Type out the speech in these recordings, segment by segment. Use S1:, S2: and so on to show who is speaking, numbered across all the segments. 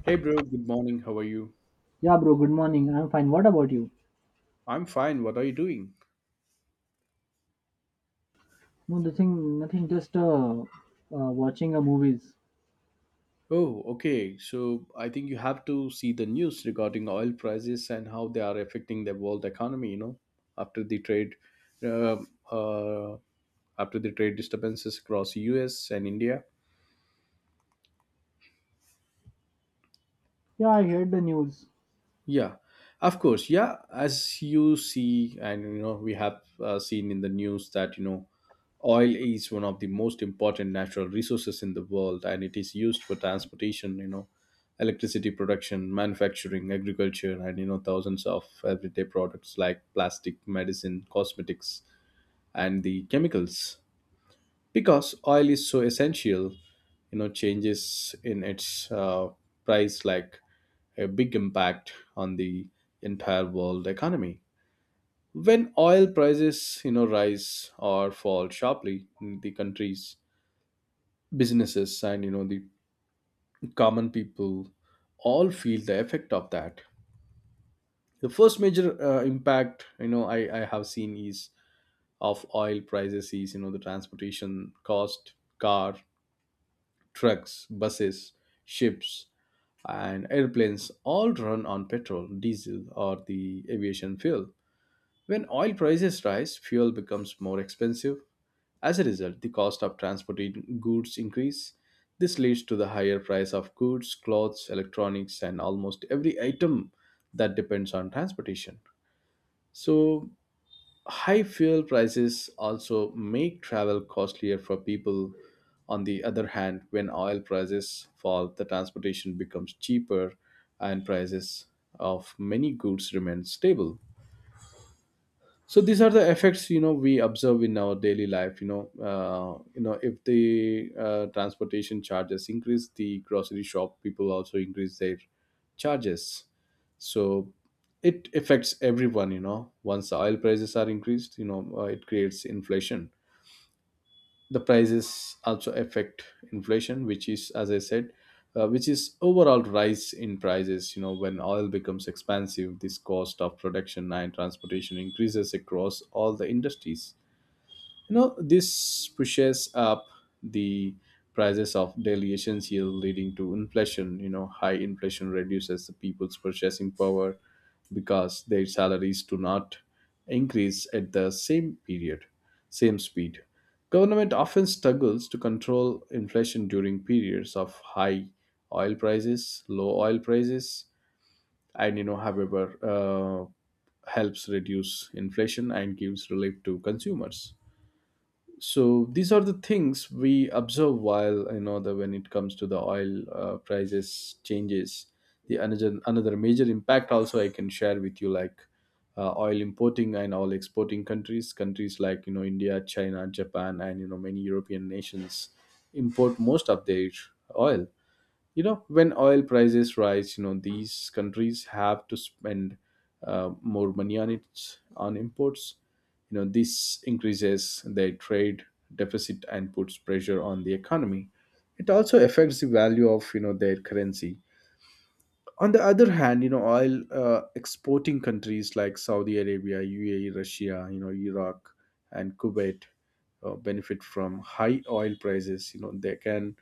S1: Hey bro, good morning. How are you?
S2: Yeah, bro. Good morning. I'm fine. What about you?
S1: I'm fine. What are you doing?
S2: No, nothing. Nothing. Just watching a movies.
S1: Oh, okay. So I think you have to see the news regarding oil prices and how they are affecting the world economy, you know, after the trade uh, uh, after the trade disturbances across US and India.
S2: Yeah, I heard the news.
S1: Yeah, of course. Yeah, as you see, and you know, we have seen in the news that you know, oil is one of the most important natural resources in the world, and it is used for transportation. You know, electricity production, manufacturing, agriculture, and you know, thousands of everyday products like plastic, medicine, cosmetics, and the chemicals. Because oil is so essential, you know, changes in its price like a big impact on the entire world economy. When oil prices, you know, rise or fall sharply, the countries, businesses, and you know the common people all feel the effect of that. The first major impact, you know, I have seen is of oil prices is you know the transportation cost, car, trucks, buses, ships, and airplanes all run on petrol, diesel, or the aviation fuel. When oil prices rise, fuel becomes more expensive. As a result, the cost of transporting goods increase. This leads to the higher price of goods, clothes, electronics and almost every item that depends on transportation. So, high fuel prices also make travel costlier for people. On the other hand, when oil prices fall, the transportation becomes cheaper and prices of many goods remain stable. So these are the effects you know we observe in our daily life. You know you know if the transportation charges increase, the grocery shop people also increase their charges. So it affects everyone. You know, once the oil prices are increased, you know it creates inflation. The prices also affect inflation, which is as I said, which is overall rise in prices. You know, when oil becomes expensive, this cost of production and transportation increases across all the industries. You know, this pushes up the prices of daily essentials, leading to inflation. You know, high inflation reduces the people's purchasing power because their salaries do not increase at the same period, same speed. Government often struggles to control inflation during periods of high oil prices, low oil prices, and you know, however, helps reduce inflation and gives relief to consumers. So these are the things we observe while you know the when it comes to the oil prices changes. The another major impact also I can share with you, like, oil importing and oil exporting countries. Countries like you know India, China, Japan, and you know many European nations import most of their oil. You know, when oil prices rise, you know these countries have to spend more money on its on imports. You know, this increases their trade deficit and puts pressure on the economy. It also affects the value of you know their currency. On the other hand, you know oil exporting countries like Saudi Arabia, UAE, Russia, you know, Iraq and Kuwait, benefit from high oil prices. You know, they can,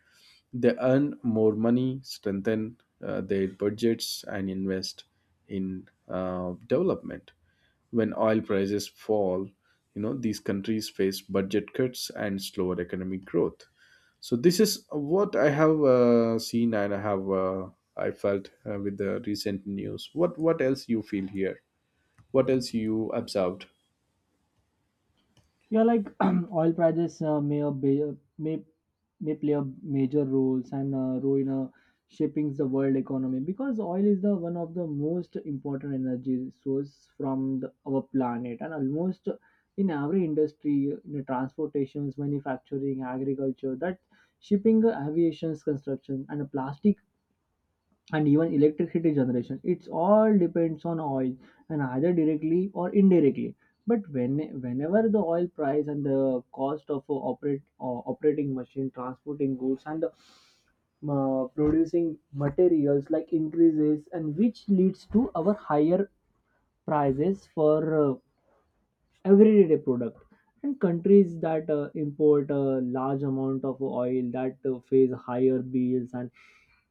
S1: they earn more money, strengthen their budgets, and invest in development. When oil prices fall, you know these countries face budget cuts and slower economic growth. So this is what I have seen and I have I felt with the recent news. What else you feel here? What else you observed?
S2: Yeah, like oil prices may play a major roles and role in shaping the world economy, because oil is the one of the most important energy source from our planet, and almost in every industry, in the transportations, manufacturing, agriculture, that shipping, aviation, construction, and plastic and even electricity generation, it's all depends on oil and either directly or indirectly. But when whenever the oil price and the cost of operate operating machine, transporting goods, and producing materials like increases, and which leads to our higher prices for everyday product, and countries that import a large amount of oil that face higher bills, and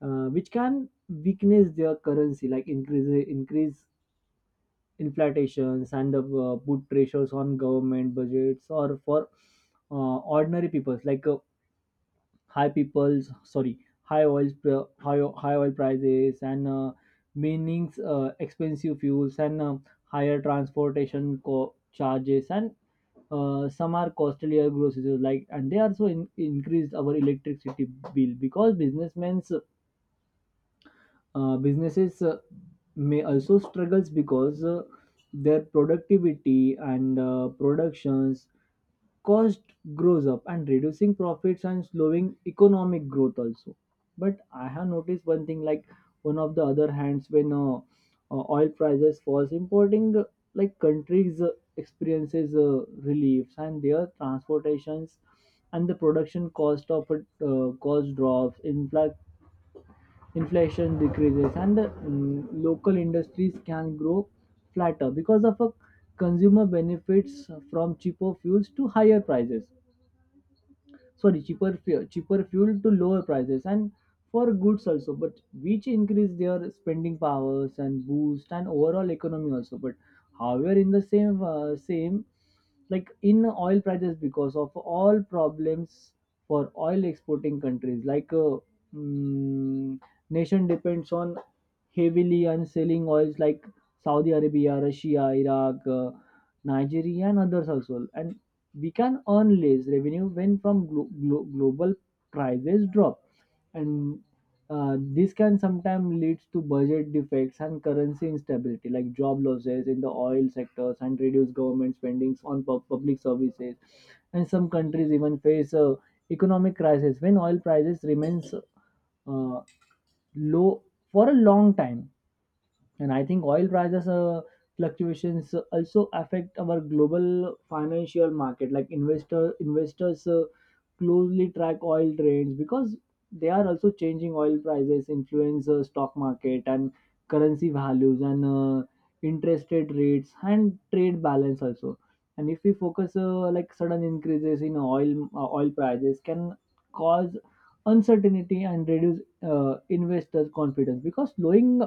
S2: uh, which can weakness their currency, like increase inflations, and put pressures on government budgets, or for ordinary people, like high people's sorry high oil pr- high, o- high oil prices, and meanings expensive fuels, and higher transportation charges, and some are costlier groceries, like, and they also increased our electricity bill, because businessmen's businesses may also struggles, because their productivity and productions cost grows up, and reducing profits and slowing economic growth also. But I have noticed one thing, like one of the other hands, when oil prices falls, importing, like countries experiences reliefs, and their transportations and the production cost of it, cost drops, inflation decreases, and the local industries can grow flatter, because of a consumer benefits from cheaper fuel to lower prices, and for goods also, but which increase their spending powers and boost and overall economy also. But however, in the same, like in oil prices, because of all problems for oil exporting countries, like mm, nation depends on heavily on selling oils, like Saudi Arabia, Russia, Iraq, Nigeria, and others also, and we can earn less revenue when from global prices drop, and this can sometimes lead to budget defects and currency instability, like job losses in the oil sectors and reduced government spendings on public services, and some countries even face a economic crisis when oil prices remains uh, low for a long time. And I think oil prices fluctuations also affect our global financial market. Like investors closely track oil trends, because they are also changing oil prices, influence stock market and currency values, and interest rates and trade balance also. And if we focus, like sudden increases in oil prices can cause uncertainty and reduce investors' confidence, because slowing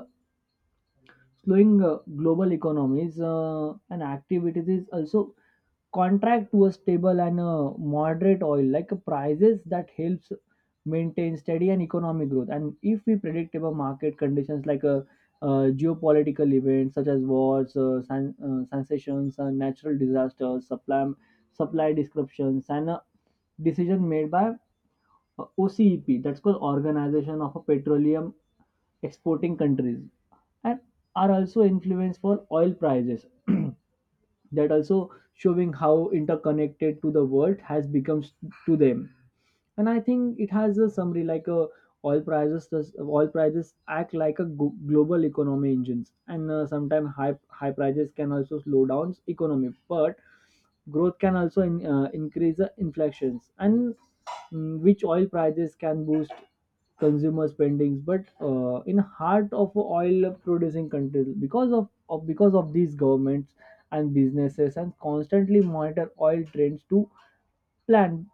S2: slowing uh, global economies and activities is also contract to a stable and moderate oil, like prices that helps maintain steady and economic growth, and if we predictable market conditions, like geopolitical events such as wars, sensations, natural disasters, supply disruptions, and decision made by OCEP, that's called Organization of Petroleum Exporting Countries, and are also influence for oil prices. That also showing how interconnected to the world has become to them. And I think it has a summary, like a oil prices act like a global economy engines, and sometimes high prices can also slow down economy, but growth can also increase the inflations, and which oil prices can boost consumer spendings, but in heart of oil producing countries, because of because of these governments and businesses and constantly monitor oil trends to plan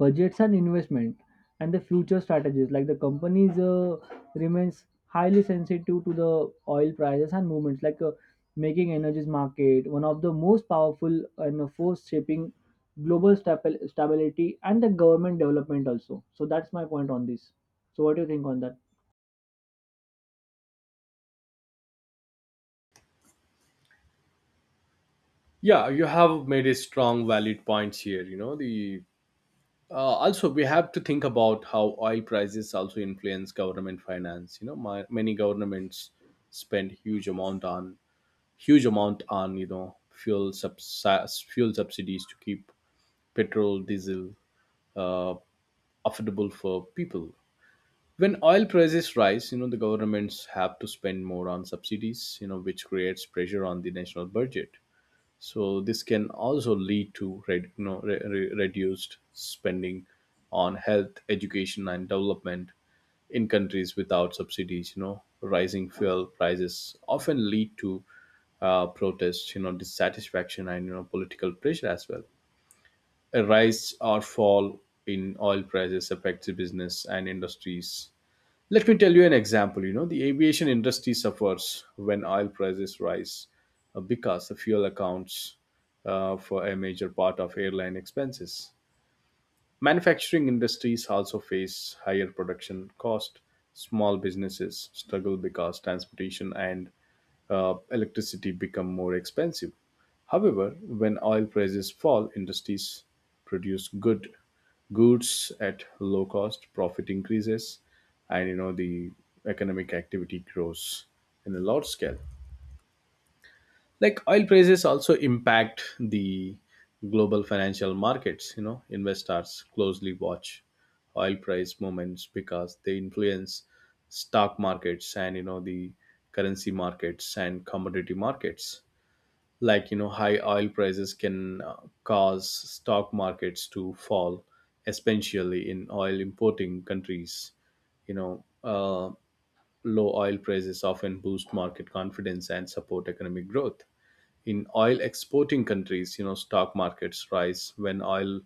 S2: budgets and investment and the future strategies, like the companies remains highly sensitive to the oil prices and movements, like making energies market one of the most powerful and force shaping global stability and the government development also. So that's my point on this. So what do you think on that?
S1: Yeah, you have made a strong valid points here. You know, the also, we have to think about how oil prices also influence government finance. You know, many governments spend huge amount on you know fuel fuel subsidies to keep petrol, diesel, uh, affordable for people. When oil prices rise, you know the governments have to spend more on subsidies. You know, which creates pressure on the national budget. So this can also lead to you know, reduced spending on health, education, and development in countries without subsidies. You know, rising fuel prices often lead to protests, you know, dissatisfaction, and you know, political pressure as well. A rise or fall in oil prices affects business and industries. Let me tell you an example. You know, the aviation industry suffers when oil prices rise because the fuel accounts for a major part of airline expenses. Manufacturing industries also face higher production cost. Small businesses struggle because transportation and electricity become more expensive. However, when oil prices fall, industries produce good goods at low cost, profit increases, and you know the economic activity grows in a large scale. Like oil prices also impact the global financial markets. You know, investors closely watch oil price movements because they influence stock markets and you know the currency markets and commodity markets. Like you know high oil prices can cause stock markets to fall, especially in oil importing countries. You know low oil prices often boost market confidence and support economic growth. In oil exporting countries, you know, stock markets rise when oil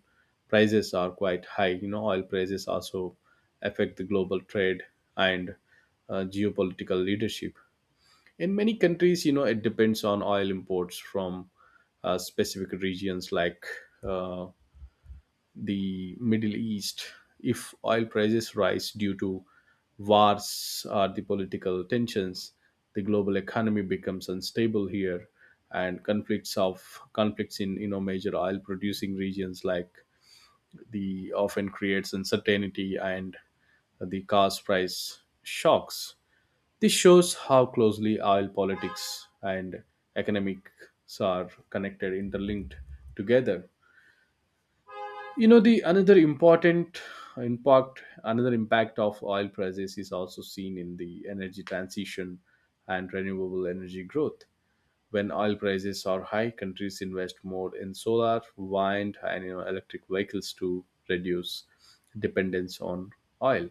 S1: prices are quite high. You know, oil prices also affect the global trade and geopolitical leadership in many countries. You know, it depends on oil imports from specific regions like uh, the Middle East. If oil prices rise due to wars or the political tensions, the global economy becomes unstable here. And conflicts in you know major oil producing regions like the often creates uncertainty and the cost price shocks. This shows how closely oil politics and economics are connected, interlinked together. You know, the another important impact, another impact of oil prices is also seen in the energy transition and renewable energy growth. When oil prices are high, countries invest more in solar, wind, and you know, electric vehicles to reduce dependence on oil.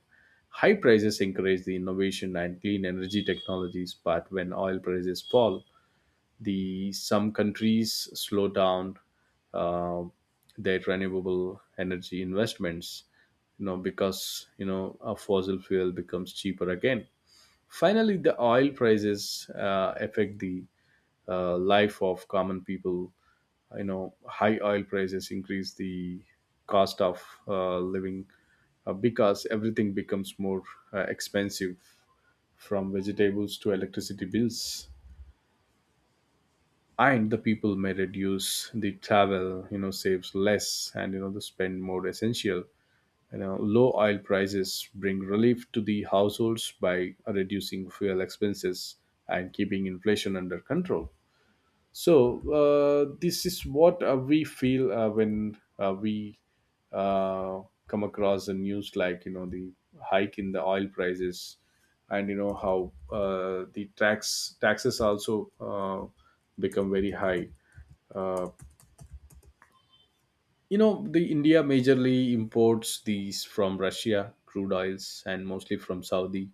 S1: High prices encourage the innovation and clean energy technologies, but when oil prices fall, the some countries slow down uh, their renewable energy investments. You know, because you know a fossil fuel becomes cheaper again. Finally, the oil prices affect the life of common people. You know, high oil prices increase the cost of living because everything becomes more expensive, from vegetables to electricity bills. And the people may reduce the travel, you know, saves less and you know the spend more essential. You know, low oil prices bring relief to the households by reducing fuel expenses and keeping inflation under control. So this is what we feel when we uh, come across the news, like you know the hike in the oil prices, and you know how the taxes also become very high. Uh, you know the India majorly imports these from Russia crude oils and mostly from Saudi.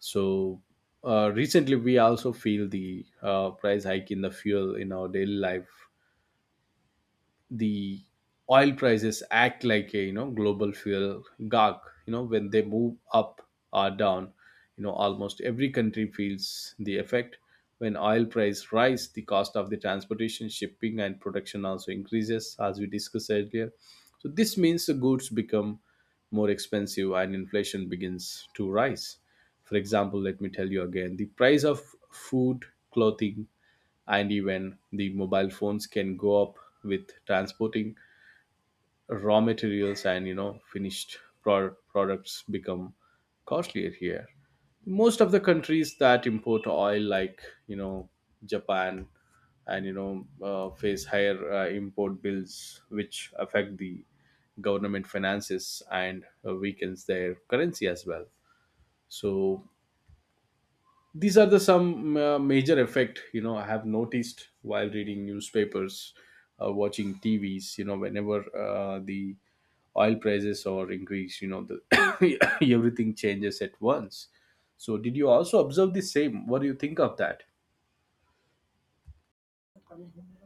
S1: So recently we also feel the price hike in the fuel in our daily life. The oil prices act like a you know global fuel gag. You know, when they move up or down, you know almost every country feels the effect. When oil price rise, the cost of the transportation, shipping and production also increases as we discussed earlier. So this means the goods become more expensive and inflation begins to rise. For example, let me tell you again the price of food, clothing, and even the mobile phones can go up with transporting raw materials and you know finished products become costlier here. Most of the countries that import oil like you know Japan and you know face higher import bills, which affect the government finances and weakens their currency as well. So these are the some major effect you know I have noticed while reading newspapers, watching TVs. You know, whenever the oil prices or increase, you know the everything changes at once. So did you also observe the same? What do you think of that?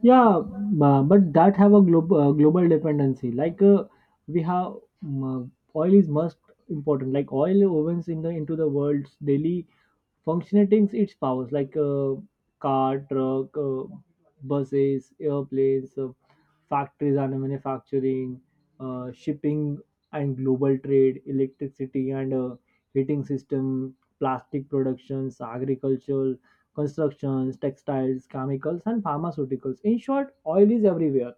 S2: Yeah, but that have a global dependency. Like we have, oil is most important. Like oil ovens in the into the world's daily functioning, its powers, like car, truck, buses, airplanes, factories and manufacturing, shipping and global trade, electricity and heating system, plastic productions, agricultural constructions, textiles, chemicals, and pharmaceuticals. In short, oil is everywhere,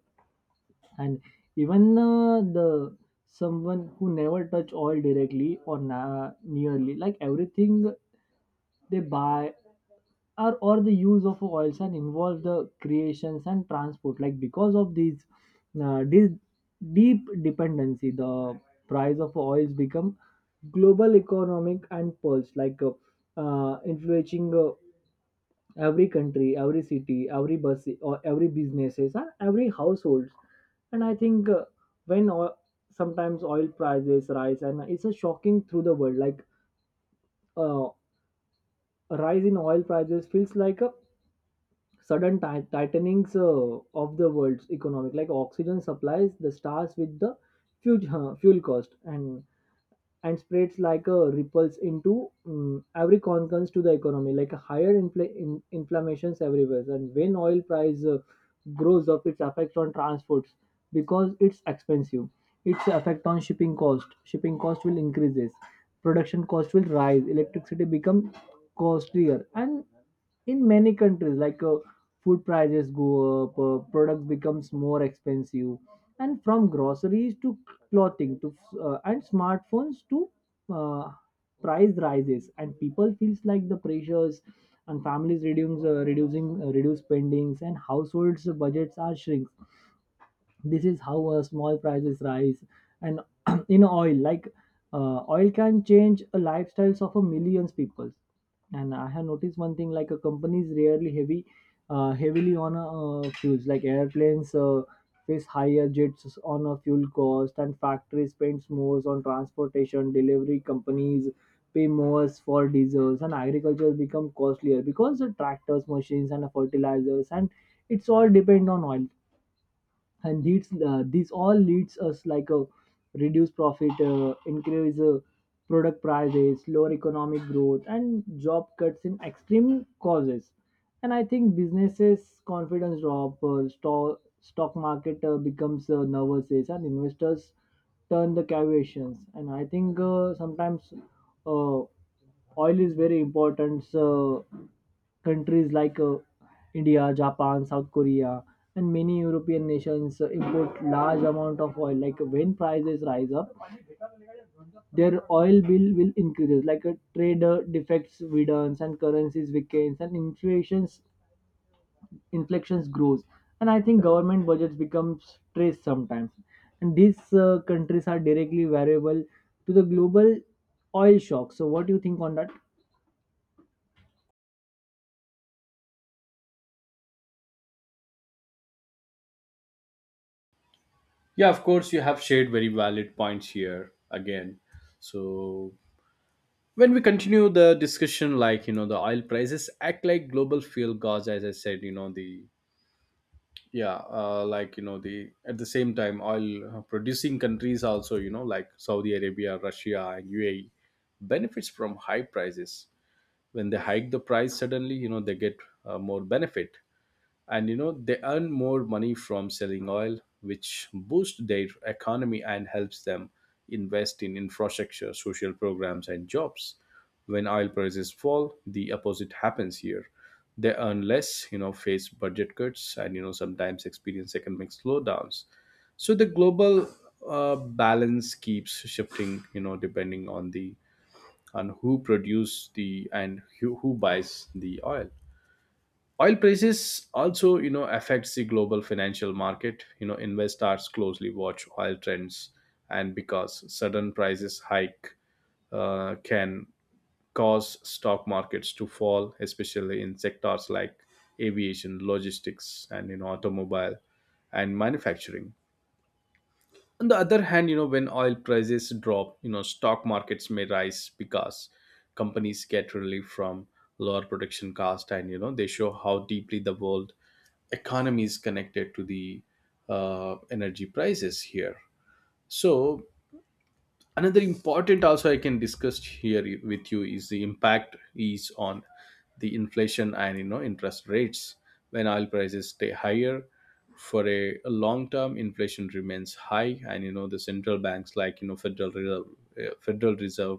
S2: and even the someone who never touch oil directly or nearly, like everything they buy are, or the use of oils and involve the creations and transport. Like because of these this deep dependency, the price of oils become global economic and pulse, like influencing every country, every city, every bus, or every businesses and every households. And I think, when sometimes oil prices rise, and it's a shocking through the world. Like uh, a rise in oil prices feels like a sudden tightenings of the world's economic, like oxygen supplies, the stars with the fuel cost, and spreads like a ripples into every concurrence to the economy, like a higher inflammations everywhere. And when oil price grows up, its effect on transports, because it's expensive, its effect on shipping cost will increases, production cost will rise, electricity become costlier, and in many countries, like food prices go up, products becomes more expensive, and from groceries to clothing to and smartphones, to uh, price rises, and people feels like the pressures, and families reduce spendings, and households budgets are shrinks. This is how small prices rise, and in oil, like oil can change the lifestyles of a millions people. And I have noticed one thing, like a company is rarely heavy heavily on a, fuels. Like airplanes face higher jets on a fuel cost, and factories spend more on transportation, delivery companies pay more for diesels, and agriculture become costlier because the tractors machines and fertilizers, and it's all depend on oil. And these all leads us like a reduced profit, increase product prices, lower economic growth, and job cuts in extreme causes. And I think businesses confidence drop, stock market becomes nervous, and investors turn the caviations. And I think, sometimes uh, oil is very important. Countries like India, Japan, South Korea, and many European nations import large amount of oil. Like when prices rise up, their oil bill will increase. Like trade defects widens, and currencies weakens, and inflations inflections grows. And I think government budgets become stressed sometimes. And these countries are directly variable to the global oil shock. So what do you think on that?
S1: Yeah, of course, you have shared very valid points here again. So when we continue the discussion, like you know the oil prices act like global fuel gas as I said. You know the yeah, like you know the at the same time oil producing countries also, you know, like Saudi Arabia, Russia and UAE benefits from high prices. When they hike the price suddenly, you know they get more benefit. And you know they earn more money from selling oil, which boosts their economy and helps them invest in infrastructure, social programs and jobs. When oil prices fall, the opposite happens here. They earn less, you know, face budget cuts and you know sometimes experience economic slowdowns. So the global balance keeps shifting, you know, depending on the on who produce the and who buys the oil. Oil prices also you know affects the global financial market. You know, investors closely watch oil trends And because sudden prices hike can cause stock markets to fall, especially in sectors like aviation, logistics, and automobile and manufacturing. On the other hand, when oil prices drop, stock markets may rise because companies get relief from lower production cost, and they show how deeply the world economy is connected to the energy prices here. So another important also I can discuss here with you is the impact is on the inflation and interest rates. When oil prices stay higher for a long term, inflation remains high, and the central banks like Federal Reserve, Federal Reserve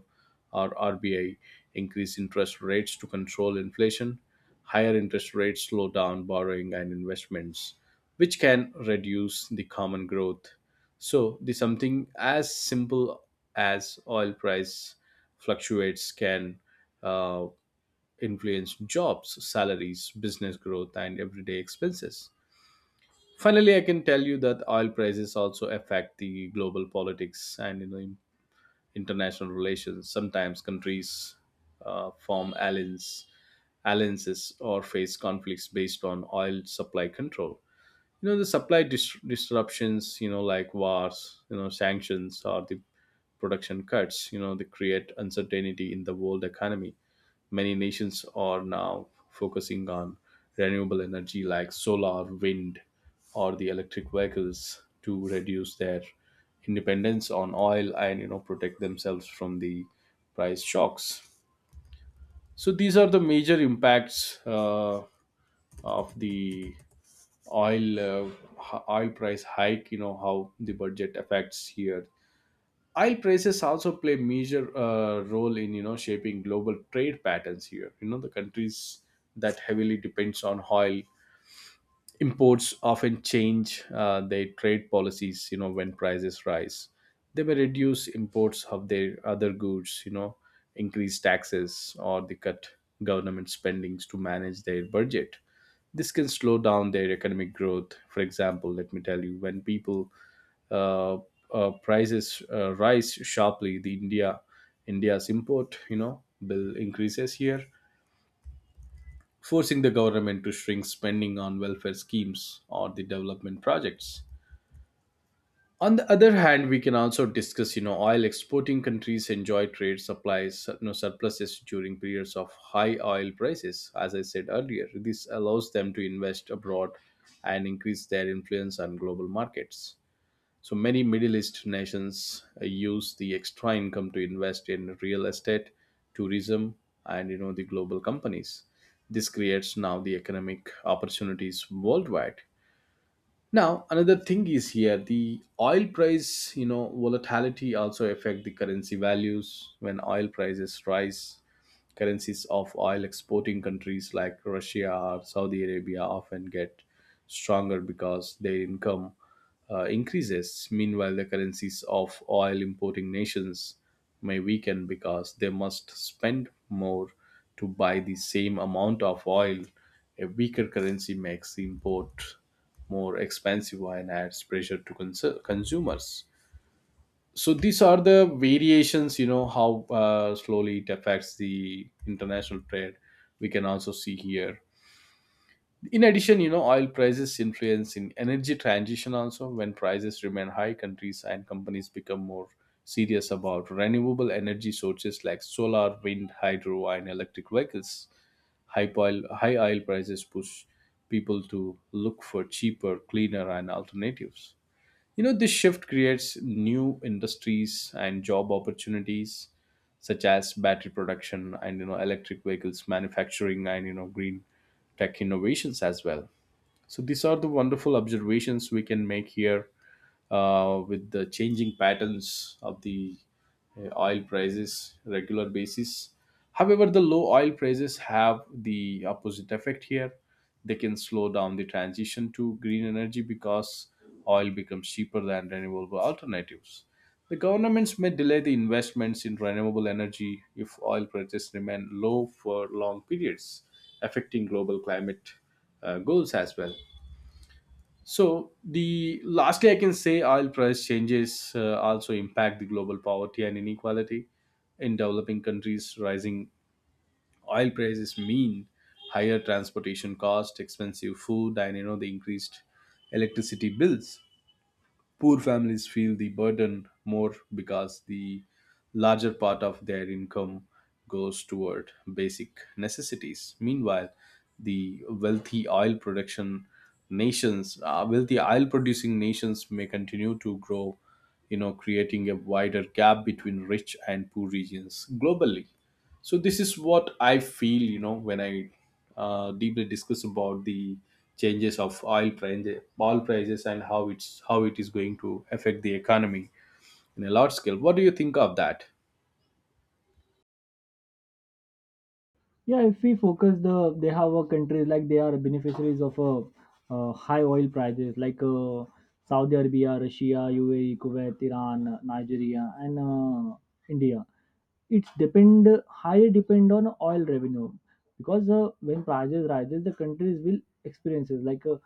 S1: or RBI increase interest rates to control inflation. Higher interest rates slow down borrowing and investments, which can reduce the common growth. So the something as simple as oil price fluctuates can uh, influence jobs, salaries, business growth, and everyday expenses. Finally, I can tell you that oil prices also affect the global politics and international relations. Sometimes countries form alliances or face conflicts based on oil supply control. You know, the supply disruptions, like wars, sanctions or the production cuts, you know, they create uncertainty in the world economy. Many nations are now focusing on renewable energy like solar, wind, or the electric vehicles to reduce their independence on oil and protect themselves from the price shocks. So these are the major impacts of the oil oil price hike. You know how the budget affects here. Oil prices also play major role in shaping global trade patterns here. You know, the countries that heavily depends on oil imports often change their trade policies, you know, when prices rise. They may reduce imports of their other goods, you know, increase taxes, or they cut government spendings to manage their budget. This can slow down their economic growth. For example, let me tell you, when people uh, prices rise sharply, the India's import, you know, bill increases here, forcing the government to shrink spending on welfare schemes or the development projects. On the other hand, we can also discuss, you know, oil exporting countries enjoy trade supplies, you know, surpluses during periods of high oil prices. As I said earlier, this allows them to invest abroad and increase their influence on global markets. So many Middle East nations use the extra income to invest in real estate, tourism, and the global companies. This creates now the economic opportunities worldwide. Now another thing is here the oil price, you know, volatility also affect the currency values. When oil prices rise, currencies of oil exporting countries like Russia or Saudi Arabia often get stronger because their income increases. Meanwhile, the currencies of oil importing nations may weaken because they must spend more to buy the same amount of oil. A weaker currency makes the import more expensive and adds pressure to consumers. So these are the variations, you know, how slowly it affects the international trade. We can also see here, in addition, you know, oil prices influence in energy transition also. When prices remain high, countries and companies become more serious about renewable energy sources like solar, wind, hydro, and electric vehicles. High oil prices push people to look for cheaper, cleaner, and alternatives. You know, this shift creates new industries and job opportunities, such as battery production, and electric vehicles manufacturing, and green tech innovations as well. So these are the wonderful observations we can make here with the changing patterns of the oil prices regular basis. However, the low oil prices have the opposite effect here. They can slow down the transition to green energy because oil becomes cheaper than renewable alternatives. The governments may delay the investments in renewable energy if oil prices remain low for long periods, affecting global climate goals as well. So the lastly, I can say oil price changes also impact the global poverty and inequality in developing countries. Rising oil prices mean higher transportation cost, expensive food, and the increased electricity bills. Poor families feel the burden more because the larger part of their income goes toward basic necessities. Meanwhile, the wealthy oil producing nations may continue to grow, you know, creating a wider gap between rich and poor regions globally. So this is what I feel, you know, when I deeply discuss about the changes of oil prices and how it's how it is going to affect the economy in a large scale. What do you think of that?
S2: Yeah, if we focus, the they have a countries like they are beneficiaries of high oil prices, like Saudi Arabia, Russia, UAE, Kuwait, Iran, Nigeria, and India. It's depend highly depend on oil revenue, because when prices rises, the countries will experiences, like uh,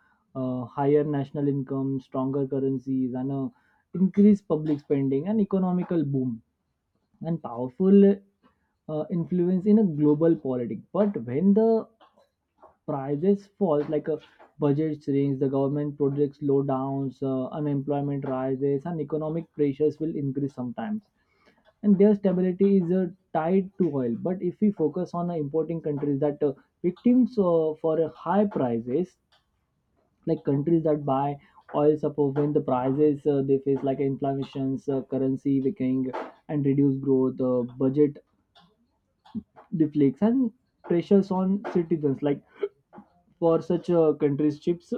S2: uh, higher national income, stronger currencies, and increased public spending, and economical boom, and powerful influence in a global politics. But when the prices fall, like a budget shrinks, the government projects slow downs, unemployment rises, and economic pressures will increase sometimes. And their stability is tied to oil. But if we focus on importing countries that victims for high prices, like countries that buy oil support, when the prices, they face like inflammations, currency weakening, and reduced growth, budget deflects, and pressures on citizens, like for such uh, countries chips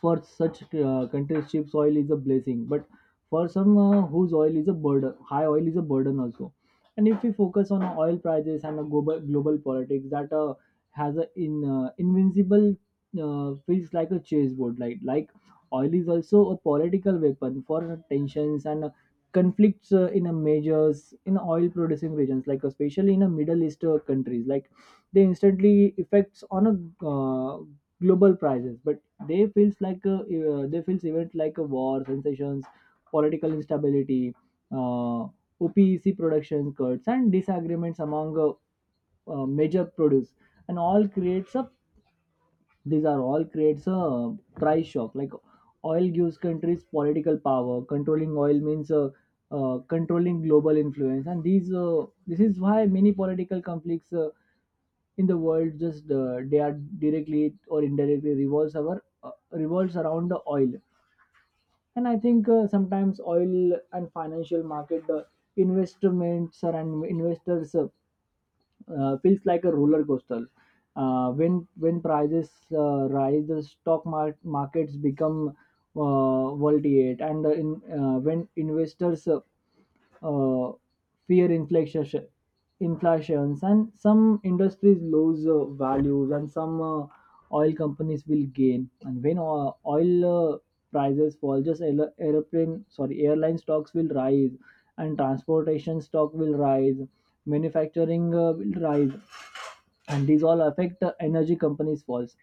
S2: for such countries cheap oil is a blessing, but for some whose oil is a burden, high oil is a burden also. And if we focus on oil prices and a global politics, that has a in invincible, feels like a chessboard, like oil is also a political weapon for tensions and conflicts in a majors, in oil producing regions, like especially in a Middle East countries, like they instantly effects on a uh, global prices. But they feels like they feels event, like a war, sensations, political instability, uh, OPEC production cuts, and disagreements among major produce, and all creates a, these are all creates a price shock. Like oil gives countries political power. Controlling oil means, controlling global influence, and these this is why many political conflicts in the world, just, they are directly or indirectly revolves our, revolves around the oil. And I think, sometimes oil and financial market investments and investors. Feels like a roller coaster. When prices rise, the stock markets become voltage, and when investors uh, fear inflations, and some industries lose values, and some oil companies will gain. And when oil prices fall, just aer- airplane sorry airline stocks will rise, and transportation stock will rise, manufacturing will rise, and these all affect the energy companies falls.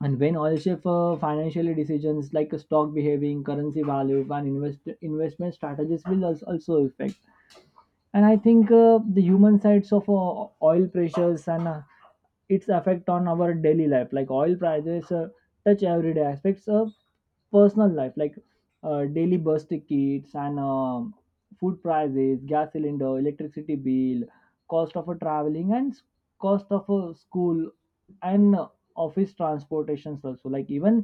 S2: And when oil shift, financial decisions, like stock behaving, currency value, and investment strategies will also affect. And I think, the human sides of oil pressures, and its effect on our daily life, like oil prices touch everyday aspects of personal life, like daily bus tickets, and food prices, gas cylinder, electricity bill, cost of a traveling, and cost of a school, and office transportations also, like even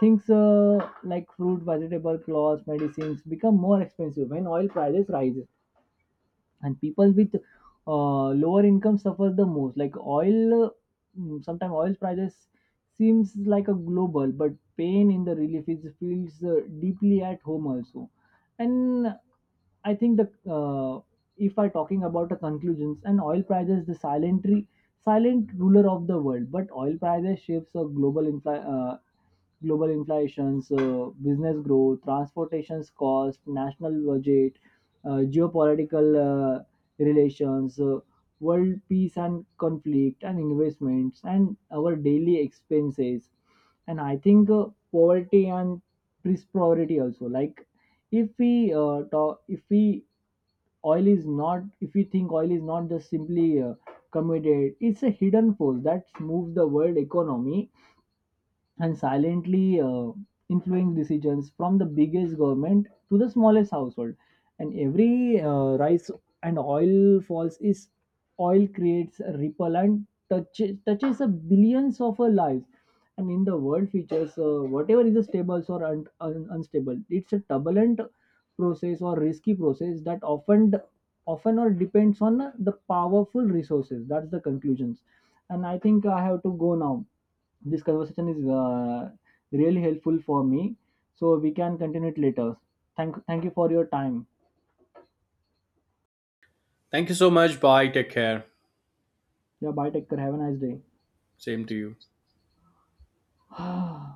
S2: things, like fruit, vegetable, clothes, medicines become more expensive when oil prices rise. And people with lower income suffer the most, like oil, sometimes oil prices seems like a global, but pain in the relief is feels deeply at home also. And I think the uh, if I talking about the conclusions, and oil prices, the silent silent ruler of the world. But oil prices shapes a global inflations, business growth, transportations cost, national budget, geopolitical relations, world peace and conflict, and investments, and our daily expenses. And I think, poverty and prosperity also. Like if we uh, talk, if we if we think oil is not just simply committed, it's a hidden force that moves the world economy and silently influence decisions from the biggest government to the smallest household. And every rise and oil falls is, oil creates a ripple and touches a billions of our lives. And in the world features, whatever is a stable or unstable, it's a turbulent process or risky process that often or depends on the powerful resources. That's the conclusions. And I think I have to go now. This conversation is really helpful for me. So we can continue it later. Thank you for your time.
S1: Thank you so much. Bye, take care.
S2: Yeah, bye. Take care. Have a nice
S1: Same to you.
S2: day.